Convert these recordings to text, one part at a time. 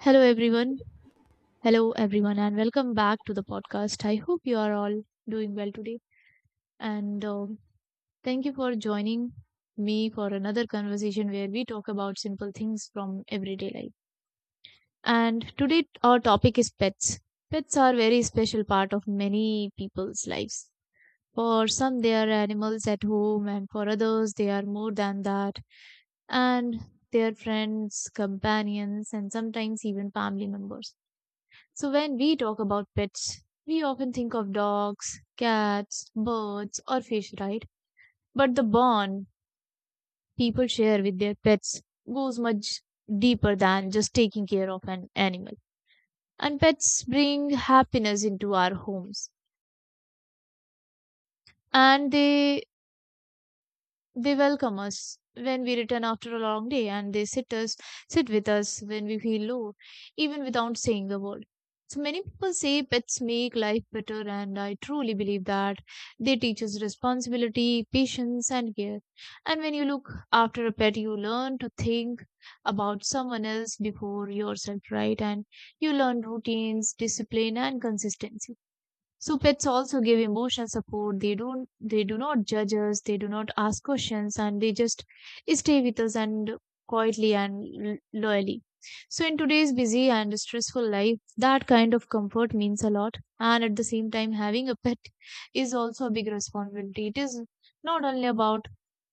Hello everyone. Hello everyone and welcome back to the podcast. I hope you are all doing well today and thank you for joining me for another conversation where we talk about simple things from everyday life. And today our topic is pets. Pets are very special part of many people's lives. For some they are animals at home, and for others they are more than that and they are friends, companions and sometimes even family members. So, when we talk about pets, we often think of dogs, cats, birds, or fish, right? But the bond people share with their pets goes much deeper than just taking care of an animal. And pets bring happiness into our homes. And they welcome us when we return after a long day, and they sit with us when we feel low, even without saying a word. So many people say pets make life better, and I truly believe that they teach us responsibility, patience and care. And when you look after a pet, you learn to think about someone else before yourself, right? And you learn routines, discipline and consistency. So pets also give emotional support. They do not judge us, they do not ask questions, and they just stay with us, and quietly and loyally. So in today's busy and stressful life, that kind of comfort means a lot. And at the same time, having a pet is also a big responsibility. It is not only about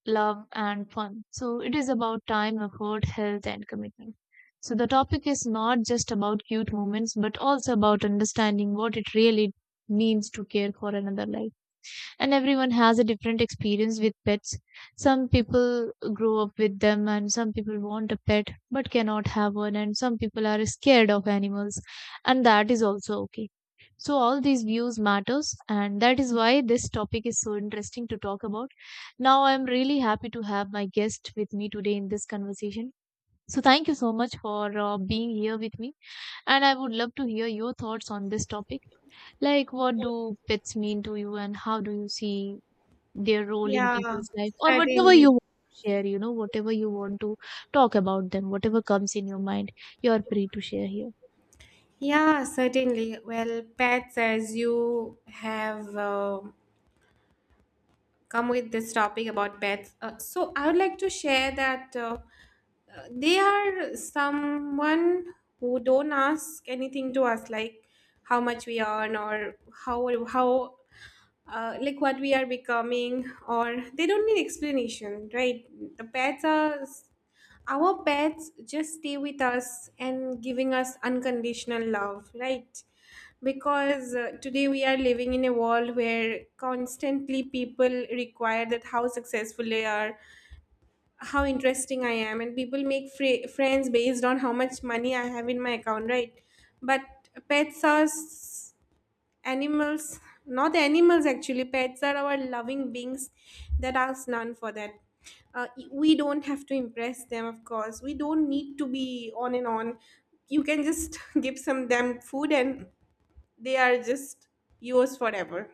love and fun. So it is about time, effort, health, and commitment. So the topic is not just about cute moments, but also about understanding what it really means to care for another life. And everyone has a different experience with pets. Some people grow up with them, and some people want a pet but cannot have one, and some people are scared of animals, and that is also okay. So all these views matters, and that is why this topic is so interesting to talk about. Now I'm really happy to have my guest with me today in this conversation. So thank you so much for being here with me, and I would love to hear your thoughts on this topic. Like, what do pets mean to you and how do you see their role in Yeah, people's life, or whatever certainly. you want to share, whatever you want to talk about them, whatever comes in your mind. You're free to share here. Yeah, certainly. Well, pets, as you have come with this topic about pets, so I would like to share that they are someone who don't ask anything to us, like how much we earn or how like what we are becoming, or they don't need explanation, right? The pets are, our pets just stay with us and giving us unconditional love, right? Because today we are living in a world where constantly people require that how successful they are, how interesting I am, and people make friends based on how much money I have in my account, right? But pets are s- animals not animals actually, pets are our loving beings that ask none for that. We don't have to impress them. Of course, we don't need to be on and on. You can just give some them food and they are just yours forever.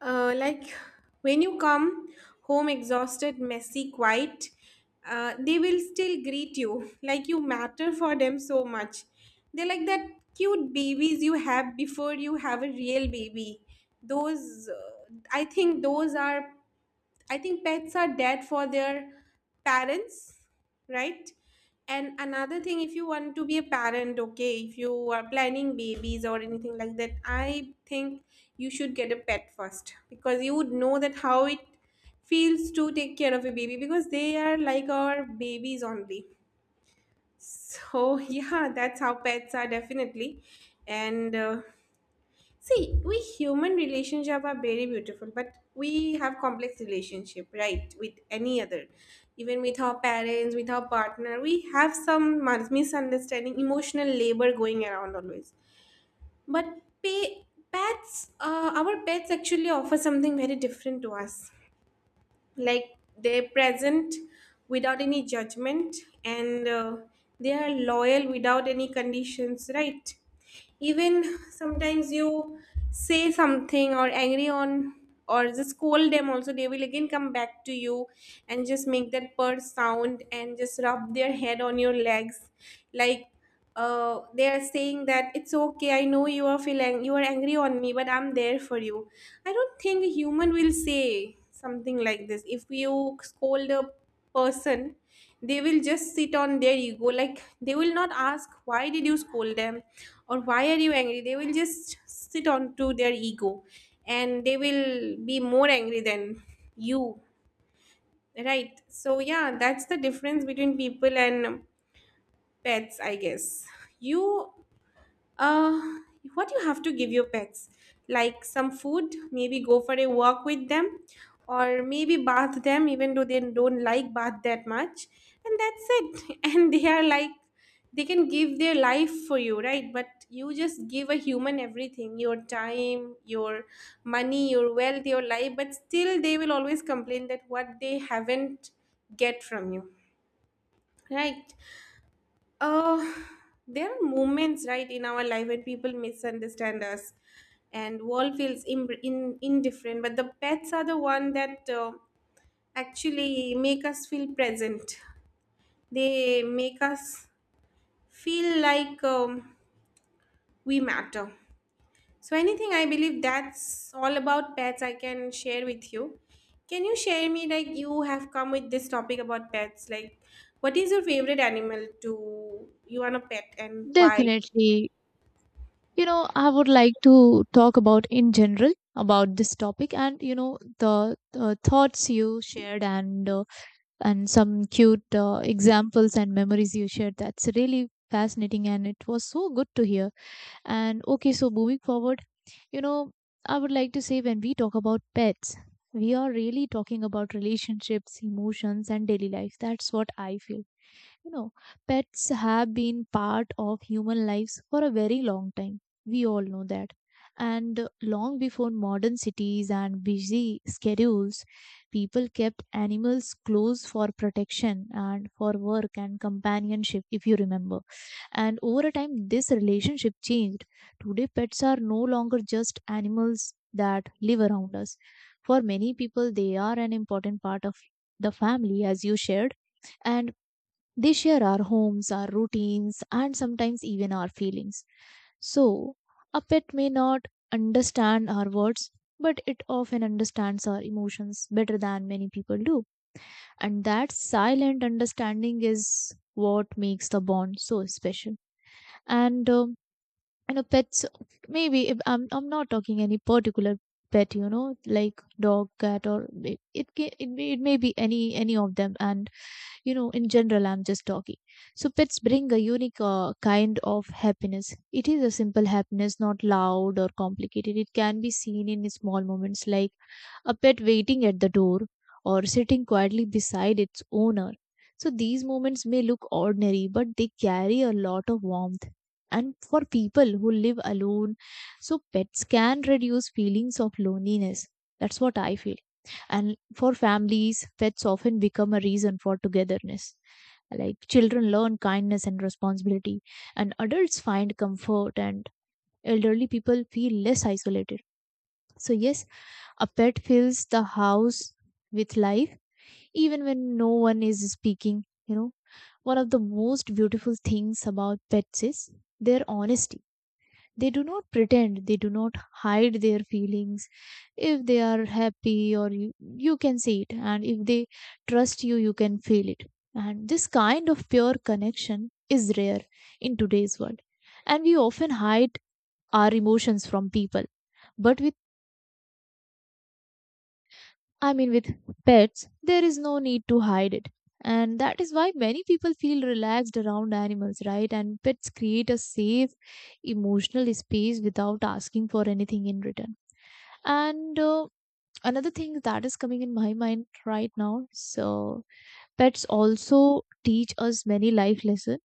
Like, when you come home exhausted, messy, quiet, they will still greet you like you matter for them so much. They're like that cute babies you have before you have a real baby. Those, I think, those are, I think pets are dead for their parents, right? And another thing, if you want to be a parent, okay, if you are planning babies or anything like that, I think you should get a pet first because you would know that how it feels to take care of a baby, because they are like our babies only. So, yeah, that's how pets are definitely. And see, we human relationship are very beautiful, but we have complex relationship, right? With any other, even with our parents, with our partner, we have some misunderstanding, emotional labor going around always. But our pets actually offer something very different to us, like they're present without any judgment, and they are loyal without any conditions, right? Even sometimes you say something or angry on, or just scold them also, they will again come back to you and just make that purr sound and just rub their head on your legs, like they are saying that it's okay, I know you are feeling, you are angry on me, but I'm there for you. I don't think a human will say something like this. If you scold a person, they will just sit on their ego, like they will not ask why did you scold them or why are you angry, they will just sit on to their ego and they will be more angry than you, right? So yeah, that's the difference between people and pets, I guess. You uh, what you have to give your pets? Like some food, maybe go for a walk with them, or maybe bath them, even though they don't like bath that much. And that's it. And they are like, they can give their life for you, right? But you just give a human everything, your time, your money, your wealth, your life, but still they will always complain that what they haven't get from you, right? uh there are moments, right, in our life when people misunderstand us and world feels indifferent, but the pets are the one that actually make us feel present. They make us feel like we matter. So anything, I believe that's all about pets I can share with you. Can you share me, like, you have come with this topic about pets, like what is your favorite animal, to you want a pet and why? Definitely. I would like to talk about in general about this topic, and the thoughts you shared, and and some cute examples and memories you shared, that's really fascinating and it was so good to hear. And okay, so moving forward, you know I would like to say, when we talk about pets, we are really talking about relationships, emotions and daily life. That's what I feel you know, Pets have been part of human lives for a very long time. We all know that. And long before modern cities and busy schedules, people kept animals close for protection and for work and companionship, if you remember. And over a time, this relationship changed. Today, pets are no longer just animals that live around us. For many people, they are an important part of the family, as you shared. And they share our homes, our routines, and sometimes even our feelings. So, a pet may not understand our words, but it often understands our emotions better than many people do. And that silent understanding is what makes the bond so special. And pets. Maybe if I'm not talking any particular pet, like, dog, cat, or it may be any of them. And in general I'm just talking. So pets bring a unique kind of happiness. It is a simple happiness, not loud or complicated. It can be seen in small moments, like a pet waiting at the door or sitting quietly beside its owner. So these moments may look ordinary, but they carry a lot of warmth. And for people who live alone, so pets can reduce feelings of loneliness, that's what I feel. And for families, pets often become a reason for togetherness. Like, children learn kindness and responsibility, and adults find comfort, and elderly people feel less isolated. So, yes, a pet fills the house with life, even when no one is speaking. You know, one of the most beautiful things about pets is their honesty. They do not pretend, they do not hide their feelings. If they are you can see it, and if they trust you, you can feel it. And this kind of pure connection is rare in today's world. And we often hide our emotions from people. But with, I mean, with pets, there is no need to hide it. And that is why many people feel relaxed around animals, right? And pets create a safe emotional space without asking for anything in return. And another thing that is coming in my mind right now, so pets also teach us many life lessons,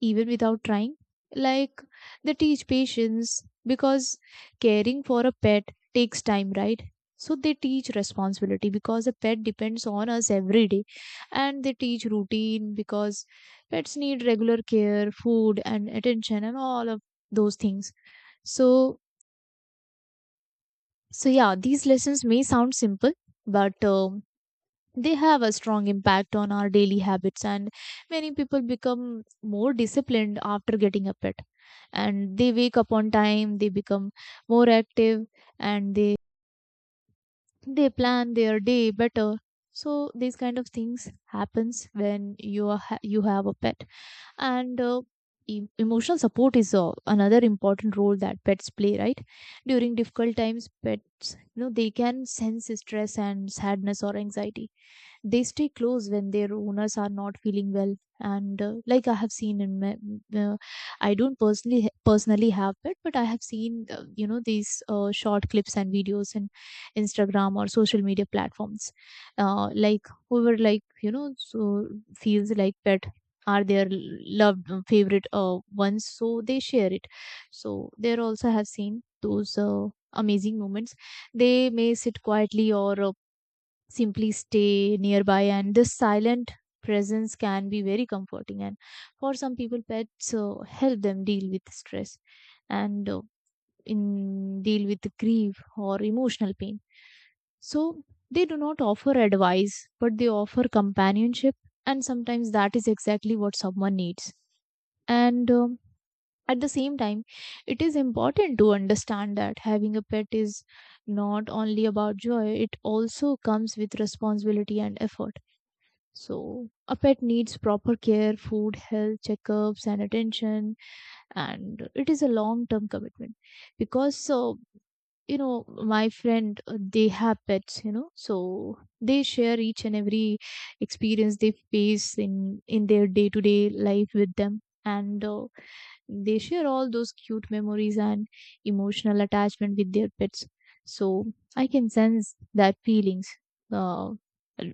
even without trying. Like, they teach patience because caring for a pet takes time, right? So they teach responsibility because a pet depends on us every day. And they teach routine because pets need regular care, food, and attention, and all of those things. So So, yeah, these lessons may sound simple, but they have a strong impact on our daily habits, and many people become more disciplined after getting up at. And they wake up on time, they become more active, and they plan their day better. So these kind of things happens when you have a pet. And emotional support is another important role that pets play, right? During difficult times, pets, they can sense stress and sadness or anxiety. They stay close when their owners are not feeling well. And, like, I have seen in my uh, I don't personally have pet, but I have seen these short clips and videos in Instagram or social media platforms. Like, whoever, like, so, feels like pet are their loved, favorite ones, so they share it. So there also have seen those amazing moments. They may sit quietly or simply stay nearby, and this silent presence can be very comforting. And for some people, pets help them deal with stress, and in deal with grief or emotional pain. So they do not offer advice, but they offer companionship, and sometimes that is exactly what someone needs. And at the same time, it is important to understand that having a pet is not only about joy, it also comes with responsibility and effort. So, a pet needs proper care, food, health checkups, and attention, and it is a long term commitment. Because, my friend, they have pets, so they share each and every experience they face in their day to day life with them, and they share all those cute memories and emotional attachment with their pets. So I can sense that feelings, uh,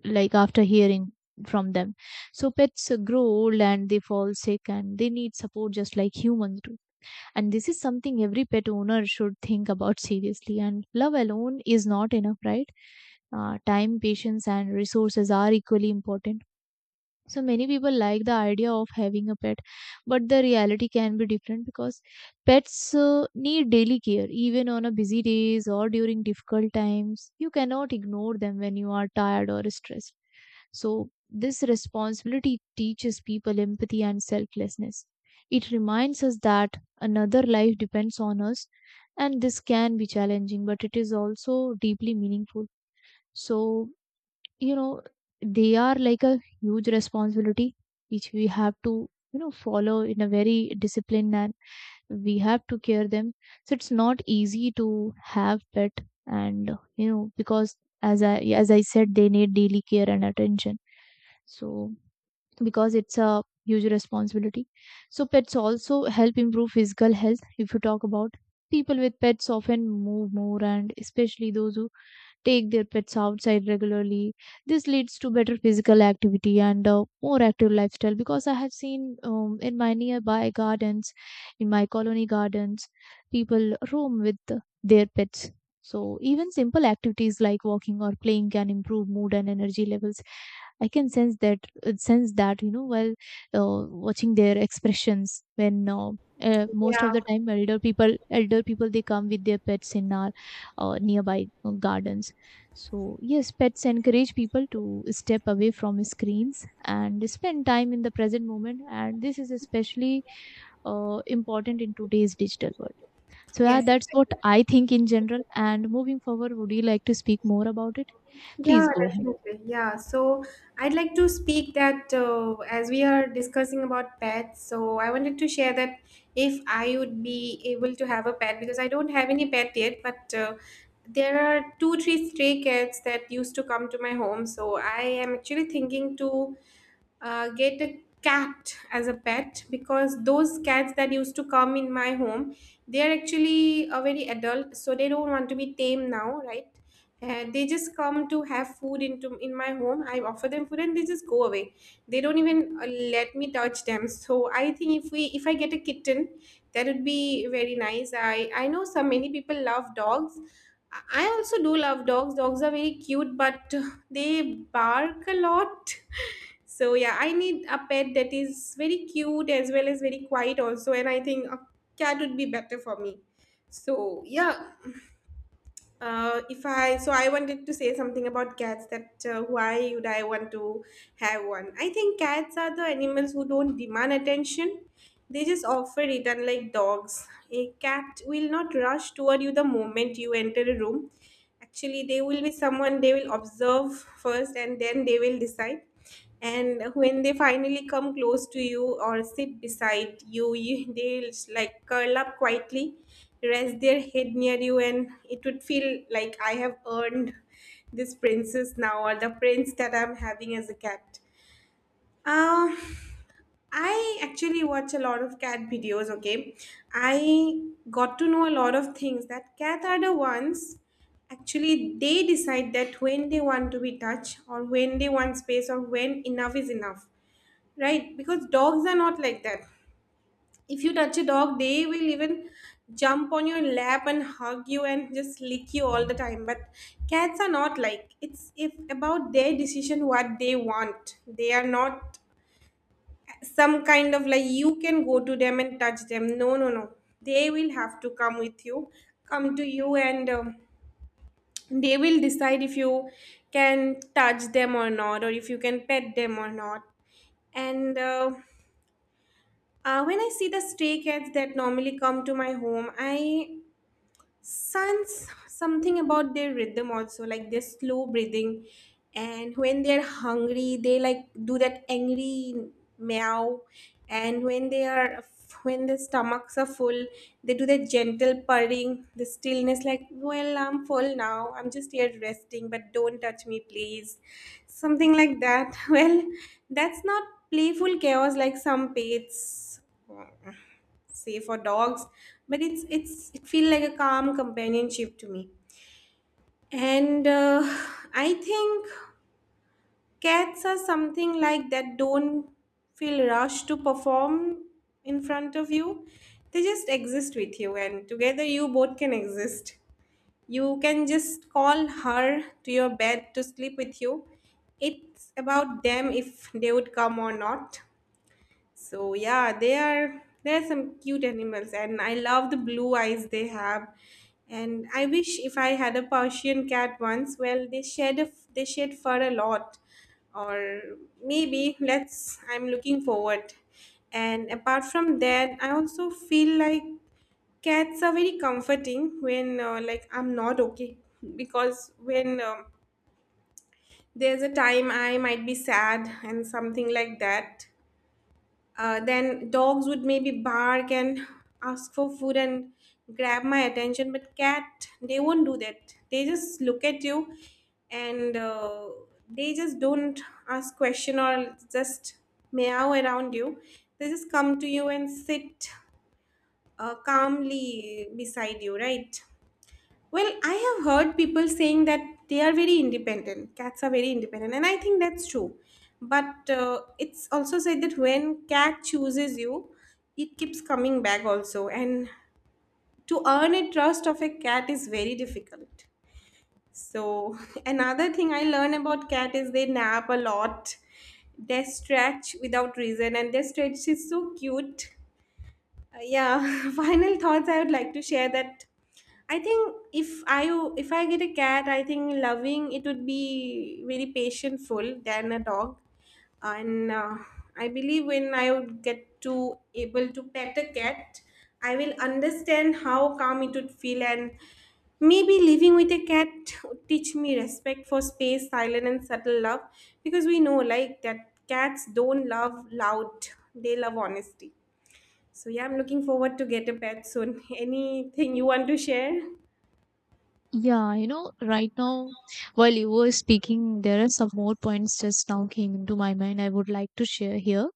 like, after hearing from them. So pets grow old and they fall sick and they need support, just like humans do. And this is something every pet owner should think about seriously, and love alone is not enough, right? Time, patience and resources are equally important. So many people like the idea of having a pet, but the reality can be different because pets need daily care, even on a busy days or during difficult times. You cannot ignore them when you are tired or stressed. So this responsibility teaches people empathy and selflessness. It reminds us that another life depends on us, and this can be challenging, but it is also deeply meaningful. So, you know they are like a huge responsibility, which we have to, follow in a very disciplined, and we have to care them. So it's not easy to have pet. And, because, as i as I said, they need daily care and attention. So, because it's a huge responsibility, so pets also help improve physical health. If you talk about, people with pets often move more, and especially those who take their pets outside regularly. This leads to better physical activity and a more active lifestyle, because I have seen, in my nearby gardens, in my colony gardens, people roam with their pets. So even simple activities like walking or playing can improve mood and energy levels. I can sense that sense that while watching their expressions when most of Yeah the time elder people they come with their pets in our nearby gardens. So, yes, pets encourage people to step away from screens and spend time in the present moment. And this is especially important in today's digital world. So, yeah, Yes, that's what exactly. I think in general. And moving forward, would you like to speak more about it? Please Yeah, go ahead. definitely. Yeah. So I'd like to speak that, as we are discussing about pets, so I wanted to share that if I would be able to have a pet, because I don't have any pet yet, but there are two, three stray cats that used to come to my home. So I am actually thinking to get a cat as a pet, because those cats that used to come in my home, they are actually very adult, so they don't want to be tame now, right? And they just come to have food into in my home. I offer them food and they just go away. They don't even let me touch them. So I think if we if I get a kitten, that would be very nice. I know so many people love dogs. I also do love dogs, dogs are very cute, but they bark a lot. So yeah, I need a pet that is very cute as well as very quiet also, and I think a cat would be better for me. So yeah, if I so I wanted to say something about cats, that why would I want to have one? I think cats are the animals who don't demand attention. They just offer it, unlike dogs. A cat will not rush toward you the moment you enter a room. Actually, they will be someone, they will observe first and then they will decide, and when they finally come close to you or sit beside you, they like curl up quietly, rest their head near you, and it would feel like I have earned this princess now or the prince that I'm having as a cat. uh, I actually watch a lot of cat videos, okay? I got to know a lot of things, that cats are the ones, actually they decide that when they want to be touched or when they want space or when enough is enough, right? Because dogs are not like that. If you touch a dog, they will even jump on your lap and hug you and just lick you all the time. But cats are not like, it's if about their decision what they want. They are not some kind of like you can go to them and touch them, no no no, they will have to come to you, and they will decide if you can touch them or not, or if you can pet them or not. And when I see the stray cats that normally come to my home, I Suns, something about their rhythm also, like their slow breathing. And when they're hungry, they like do that angry meow. And when their stomachs are full, they do that gentle purring, the stillness, like, well, I'm full now. I'm just here resting, but don't touch me, please. Something like that. Well, that's not playful chaos like some pets, say, for dogs, but it's it feels like a calm companionship to me. And I think cats are something like that, don't feel rushed to perform in front of you. They just exist with you, and together you both can exist. You can just call her to your bed to sleep with you. It's about them if they would come or not. So yeah, they are, they're some cute animals, and I love the blue eyes they have. And I wish if I had a Persian cat once, well they shed a, they shed fur a lot. Or maybe let's, I'm looking forward. And apart from that, I also feel like cats are very comforting when, like, I'm not okay, because when there's a time I might be sad and something like that, then dogs would maybe bark and ask for food and grab my attention, but cat, they won't do that. They just look at you, and they just don't ask question or just meow around you. They just come to you and sit calmly beside you, right? Well, I have heard people saying that they are very independent. Cats are very independent, and I think that's true. But it's also said that when cat chooses you, it keeps coming back also, and to earn a trust of a cat is very difficult. So another thing I learn about cat is they nap a lot. They stretch without reason, and their stretch is so cute. Yeah, final thoughts I would like to share, that I think if I get a cat, I think loving it would be very patientful than a dog, and I believe when I would get to able to pet a cat, I will understand how calm it would feel, and maybe living with a cat would teach me respect for space, silent and subtle love, because we know like that cats don't love loud; they love honesty. So yeah, I'm looking forward to get a pet soon. Anything you want to share? Yeah, you know, right now, while you were speaking, there are some more points just now came into my mind I would like to share here.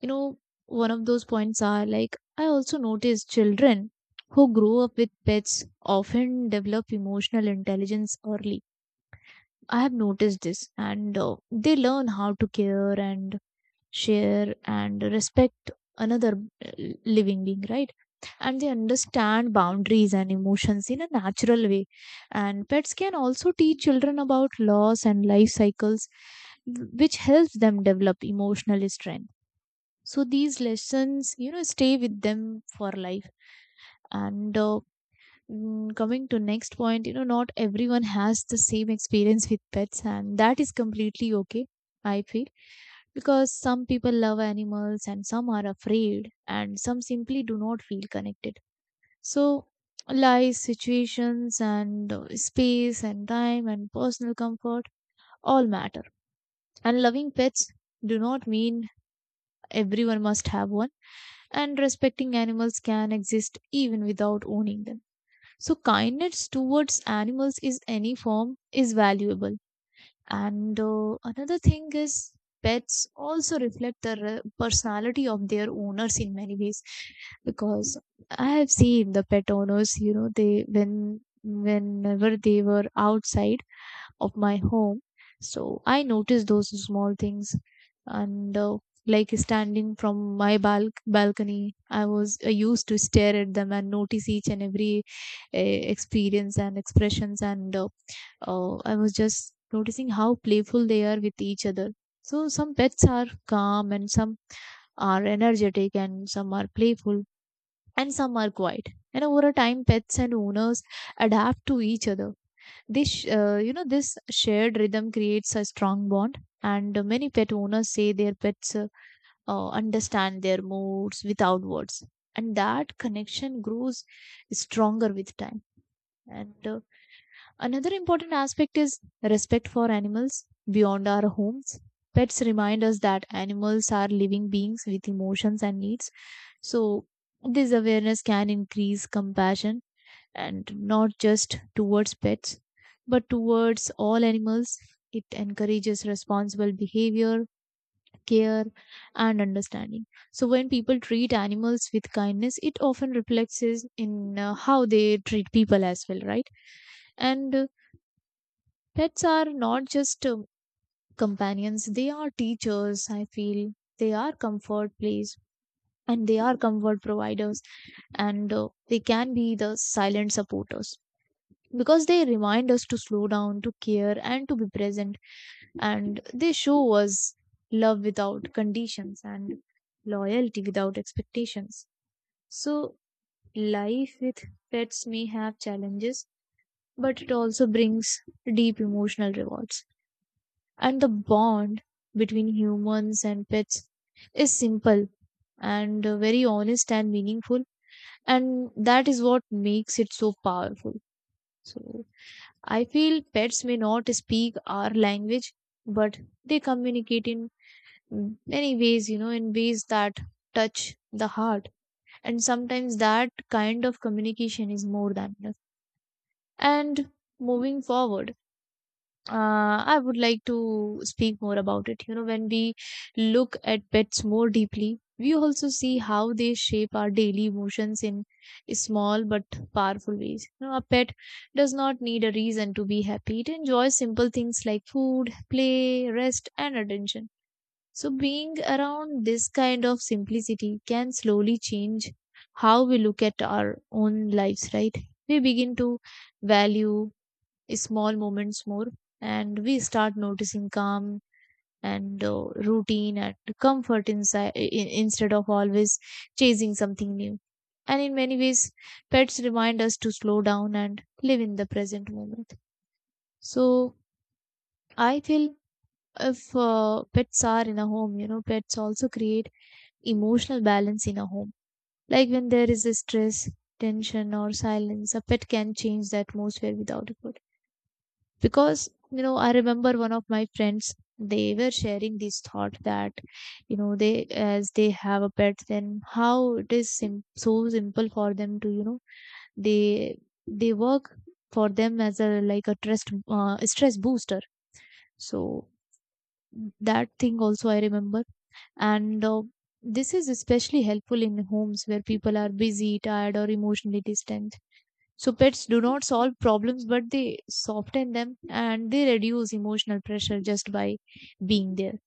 You know, one of those points are like I also notice children who grow up with pets often develop emotional intelligence early. I have noticed this, and they learn how to care and share and respect another uh, living being, right? And they understand boundaries and emotions in a natural way. And pets can also teach children about loss and life cycles, which helps them develop emotional strength. So these lessons, you know, stay with them for life. and uh, Coming to next point, you know, not everyone has the same experience with pets, and that is completely okay, I feel. Because some people love animals and some are afraid and some simply do not feel connected. So life situations and space and time and personal comfort all matter. And loving pets do not mean everyone must have one. And respecting animals can exist even without owning them. So kindness towards animals is any form is valuable. And another thing is, pets also reflect the personality of their owners in many ways. Because I have seen the pet owners, you know, they when whenever they were outside of my home. So I noticed those small things. And like standing from my balcony, I was used to stare at them and notice each and every experience and expressions and I was just noticing how playful they are with each other. So some pets are calm and some are energetic and some are playful and some are quiet. And over a time, pets and owners adapt to each other. This you know, this shared rhythm creates a strong bond. And many pet owners say their pets understand their moods without words. And that connection grows stronger with time. And another important aspect is respect for animals beyond our homes. Pets remind us that animals are living beings with emotions and needs. So this awareness can increase compassion, and not just towards pets, but towards all animals. It encourages responsible behavior, care, and understanding. So, when people treat animals with kindness, it often reflects is in how they treat people as well, right? And pets are not just companions, they are teachers, I feel. They are comfort place and they are comfort providers, and they can be the silent supporters, because they remind us to slow down, to care, and to be present. And they show us love without conditions and loyalty without expectations. So, life with pets may have challenges, but it also brings deep emotional rewards. And the bond between humans and pets is simple and very honest and meaningful. And that is what makes it so powerful. So, I feel pets may not speak our language, but they communicate in many ways, you know, in ways that touch the heart. And sometimes that kind of communication is more than enough. And moving forward, I would like to speak more about it. You know, when we look at pets more deeply, we also see how they shape our daily emotions in small but powerful ways. You know, a pet does not need a reason to be happy. It enjoys simple things like food, play, rest, and attention. So, being around this kind of simplicity can slowly change how we look at our own lives, right? We begin to value small moments more, and we start noticing calm and routine and comfort inside in, instead of always chasing something new. And in many ways, pets remind us to slow down and live in the present moment. So I feel, if pets are in a home, you know, pets also create emotional balance in a home. Like when there is a stress, tension, or silence, a pet can change the atmosphere without effort. Because, you know, I remember one of my friends, they were sharing this thought that, you know, they as they have a pet, then how it is so simple for them to, you know, they they work for them as a like a trust stress booster. So that thing also I remember. And this is especially helpful in homes where people are busy, tired, or emotionally distant. So pets do not solve problems, but they soften them, and they reduce emotional pressure just by being there.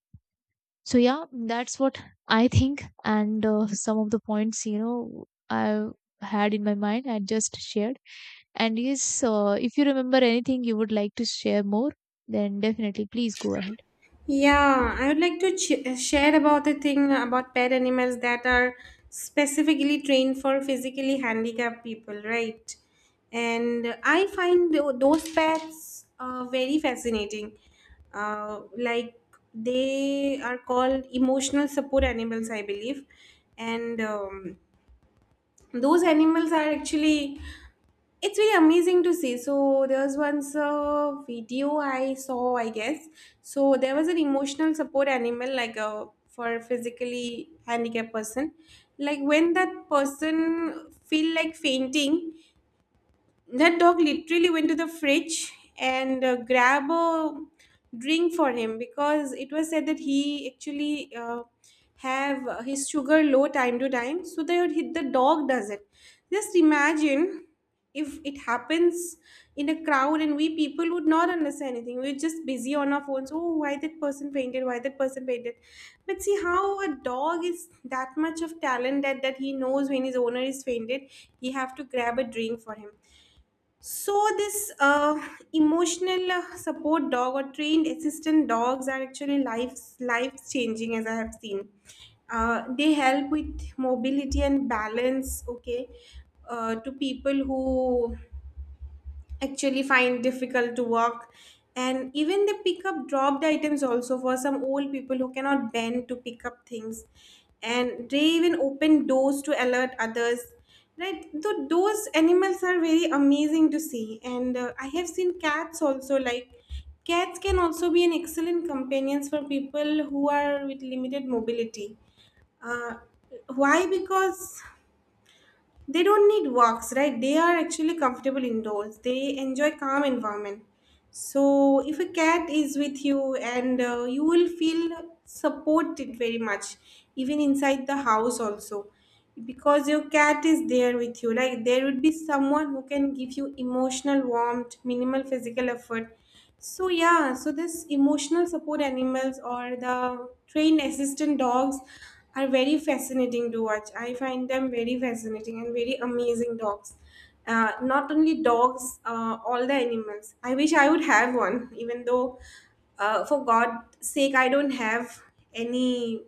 So yeah, that's what I think. And some of the points, you know, I had in my mind, I just shared. And yes, if you remember anything you would like to share more, then definitely please go ahead. Yeah, I would like to share about a thing about pet animals that are specifically trained for physically handicapped people, right? And I find those pets very fascinating. Like they are called emotional support animals, I believe. And those animals are actually it's really amazing to see. So there was once a video I saw, I guess. So there was an emotional support animal, like a for physically handicapped person, like when that person feel like fainting, that dog literally went to the fridge and grabbed a drink for him because it was said that he actually have his sugar low time to time, so that the dog does it. Just imagine if it happens in a crowd and we people would not understand anything. We're just busy on our phones. Oh, why that person painted? Why that person painted? But see how a dog is that much of talent that, he knows when his owner is fainted, he have to grab a drink for him. So this emotional support dog or trained assistant dogs are actually life changing as I have seen. They help with mobility and balance. Okay, to people who actually find difficult to work, and even they pick up dropped items also for some old people who cannot bend to pick up things, and they even open doors to alert others, right? So those animals are very amazing to see. And I have seen cats also. Like cats can also be an excellent companions for people who are with limited mobility. uh, why? Because they don't need walks, right? They are actually comfortable indoors. They enjoy calm environment. So, if a cat is with you, and you will feel supported very much, even inside the house, also, because your cat is there with you. Like, there would be someone who can give you emotional warmth, minimal physical effort. So, yeah, so this emotional support animals or the trained assistant dogs are very fascinating to watch. I find them very fascinating and very amazing dogs. Not only dogs, all the animals. I wish I would have one, even though, for God's sake, I don't have any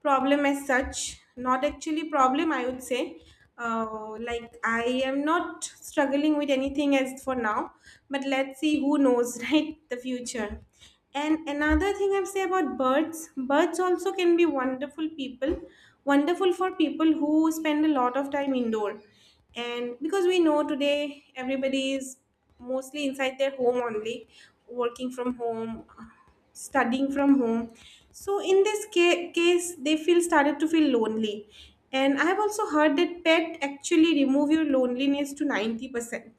problem as such. Not actually problem, I would say. Like I am not struggling with anything as for now, but let's see. Who knows? Right, the future. And another thing I would say about birds, birds also can be wonderful people, wonderful for people who spend a lot of time indoor. And because we know today everybody is mostly inside their home only, working from home, studying from home. So in this case they feel started to feel lonely. And I have also heard that pet actually remove your loneliness to 90%.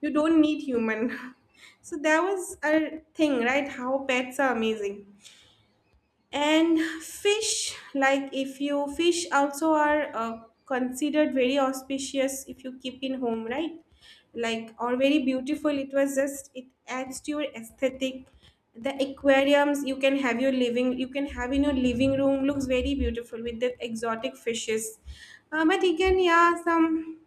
You don't need human. So that was a thing, right? How pets are amazing. And fish, like, if you fish also are considered very auspicious if you keep in home, right? Like or very beautiful. It was just it adds to your aesthetic. The aquariums you can have your living you can have in your living room looks very beautiful with the exotic fishes. But again, yeah, some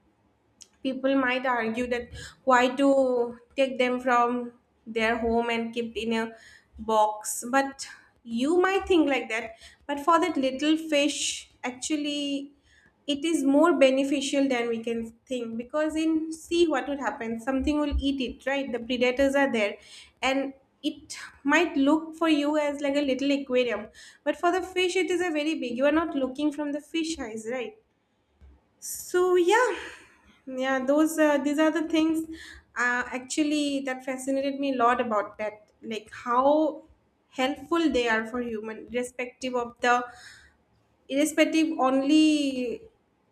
people might argue that why to take them from their home and keep in a box. But you might think like that, but for that little fish, actually, it is more beneficial than we can think. Because in, see what would happen, something will eat it, right? The predators are there. And it might look for you as like a little aquarium, but for the fish it is a very big. You are not looking from the fish eyes, right? So yeah, yeah, those these are the things actually that fascinated me a lot about pet, like how helpful they are for human, irrespective of the, irrespective only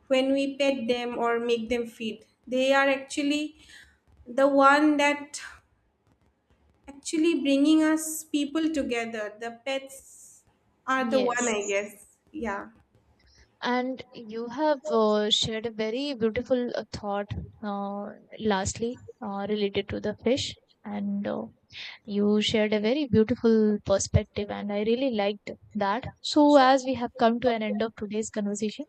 when we pet them or make them feed. They are actually the one that actually bringing us people together. The pets are the one, Yes. I guess. Yeah. And you have shared a very beautiful thought, uh, lastly, related to the fish. And You shared a very beautiful perspective, and I really liked that. So, as we have come to an end of today's conversation,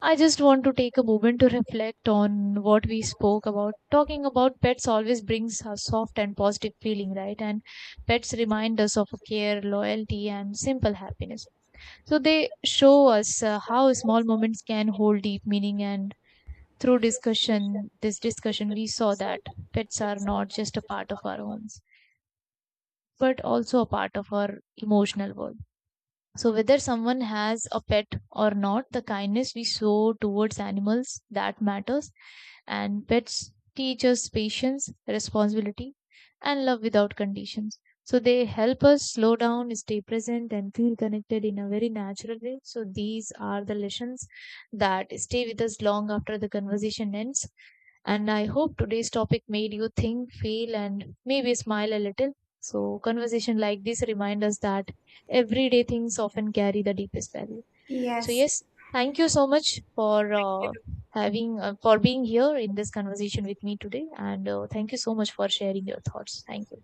I just want to take a moment to reflect on what we spoke about. Talking about pets always brings a soft and positive feeling, right? And pets remind us of care, loyalty, and simple happiness. So, they show us how small moments can hold deep meaning. And through discussion this discussion we saw that pets are not just a part of our homes but also a part of our emotional world. So, whether someone has a pet or not, the kindness we show towards animals that matters. And pets teach us patience, responsibility, and love without conditions. So, they help us slow down, stay present, and feel connected in a very natural way. So, these are the lessons that stay with us long after the conversation ends. And I hope today's topic made you think, feel, and maybe smile a little. So, conversation like this remind us that everyday things often carry the deepest value. So Yes. yes, thank you so much for having for being here in this conversation with me today, and thank you so much for sharing your thoughts. Thank you.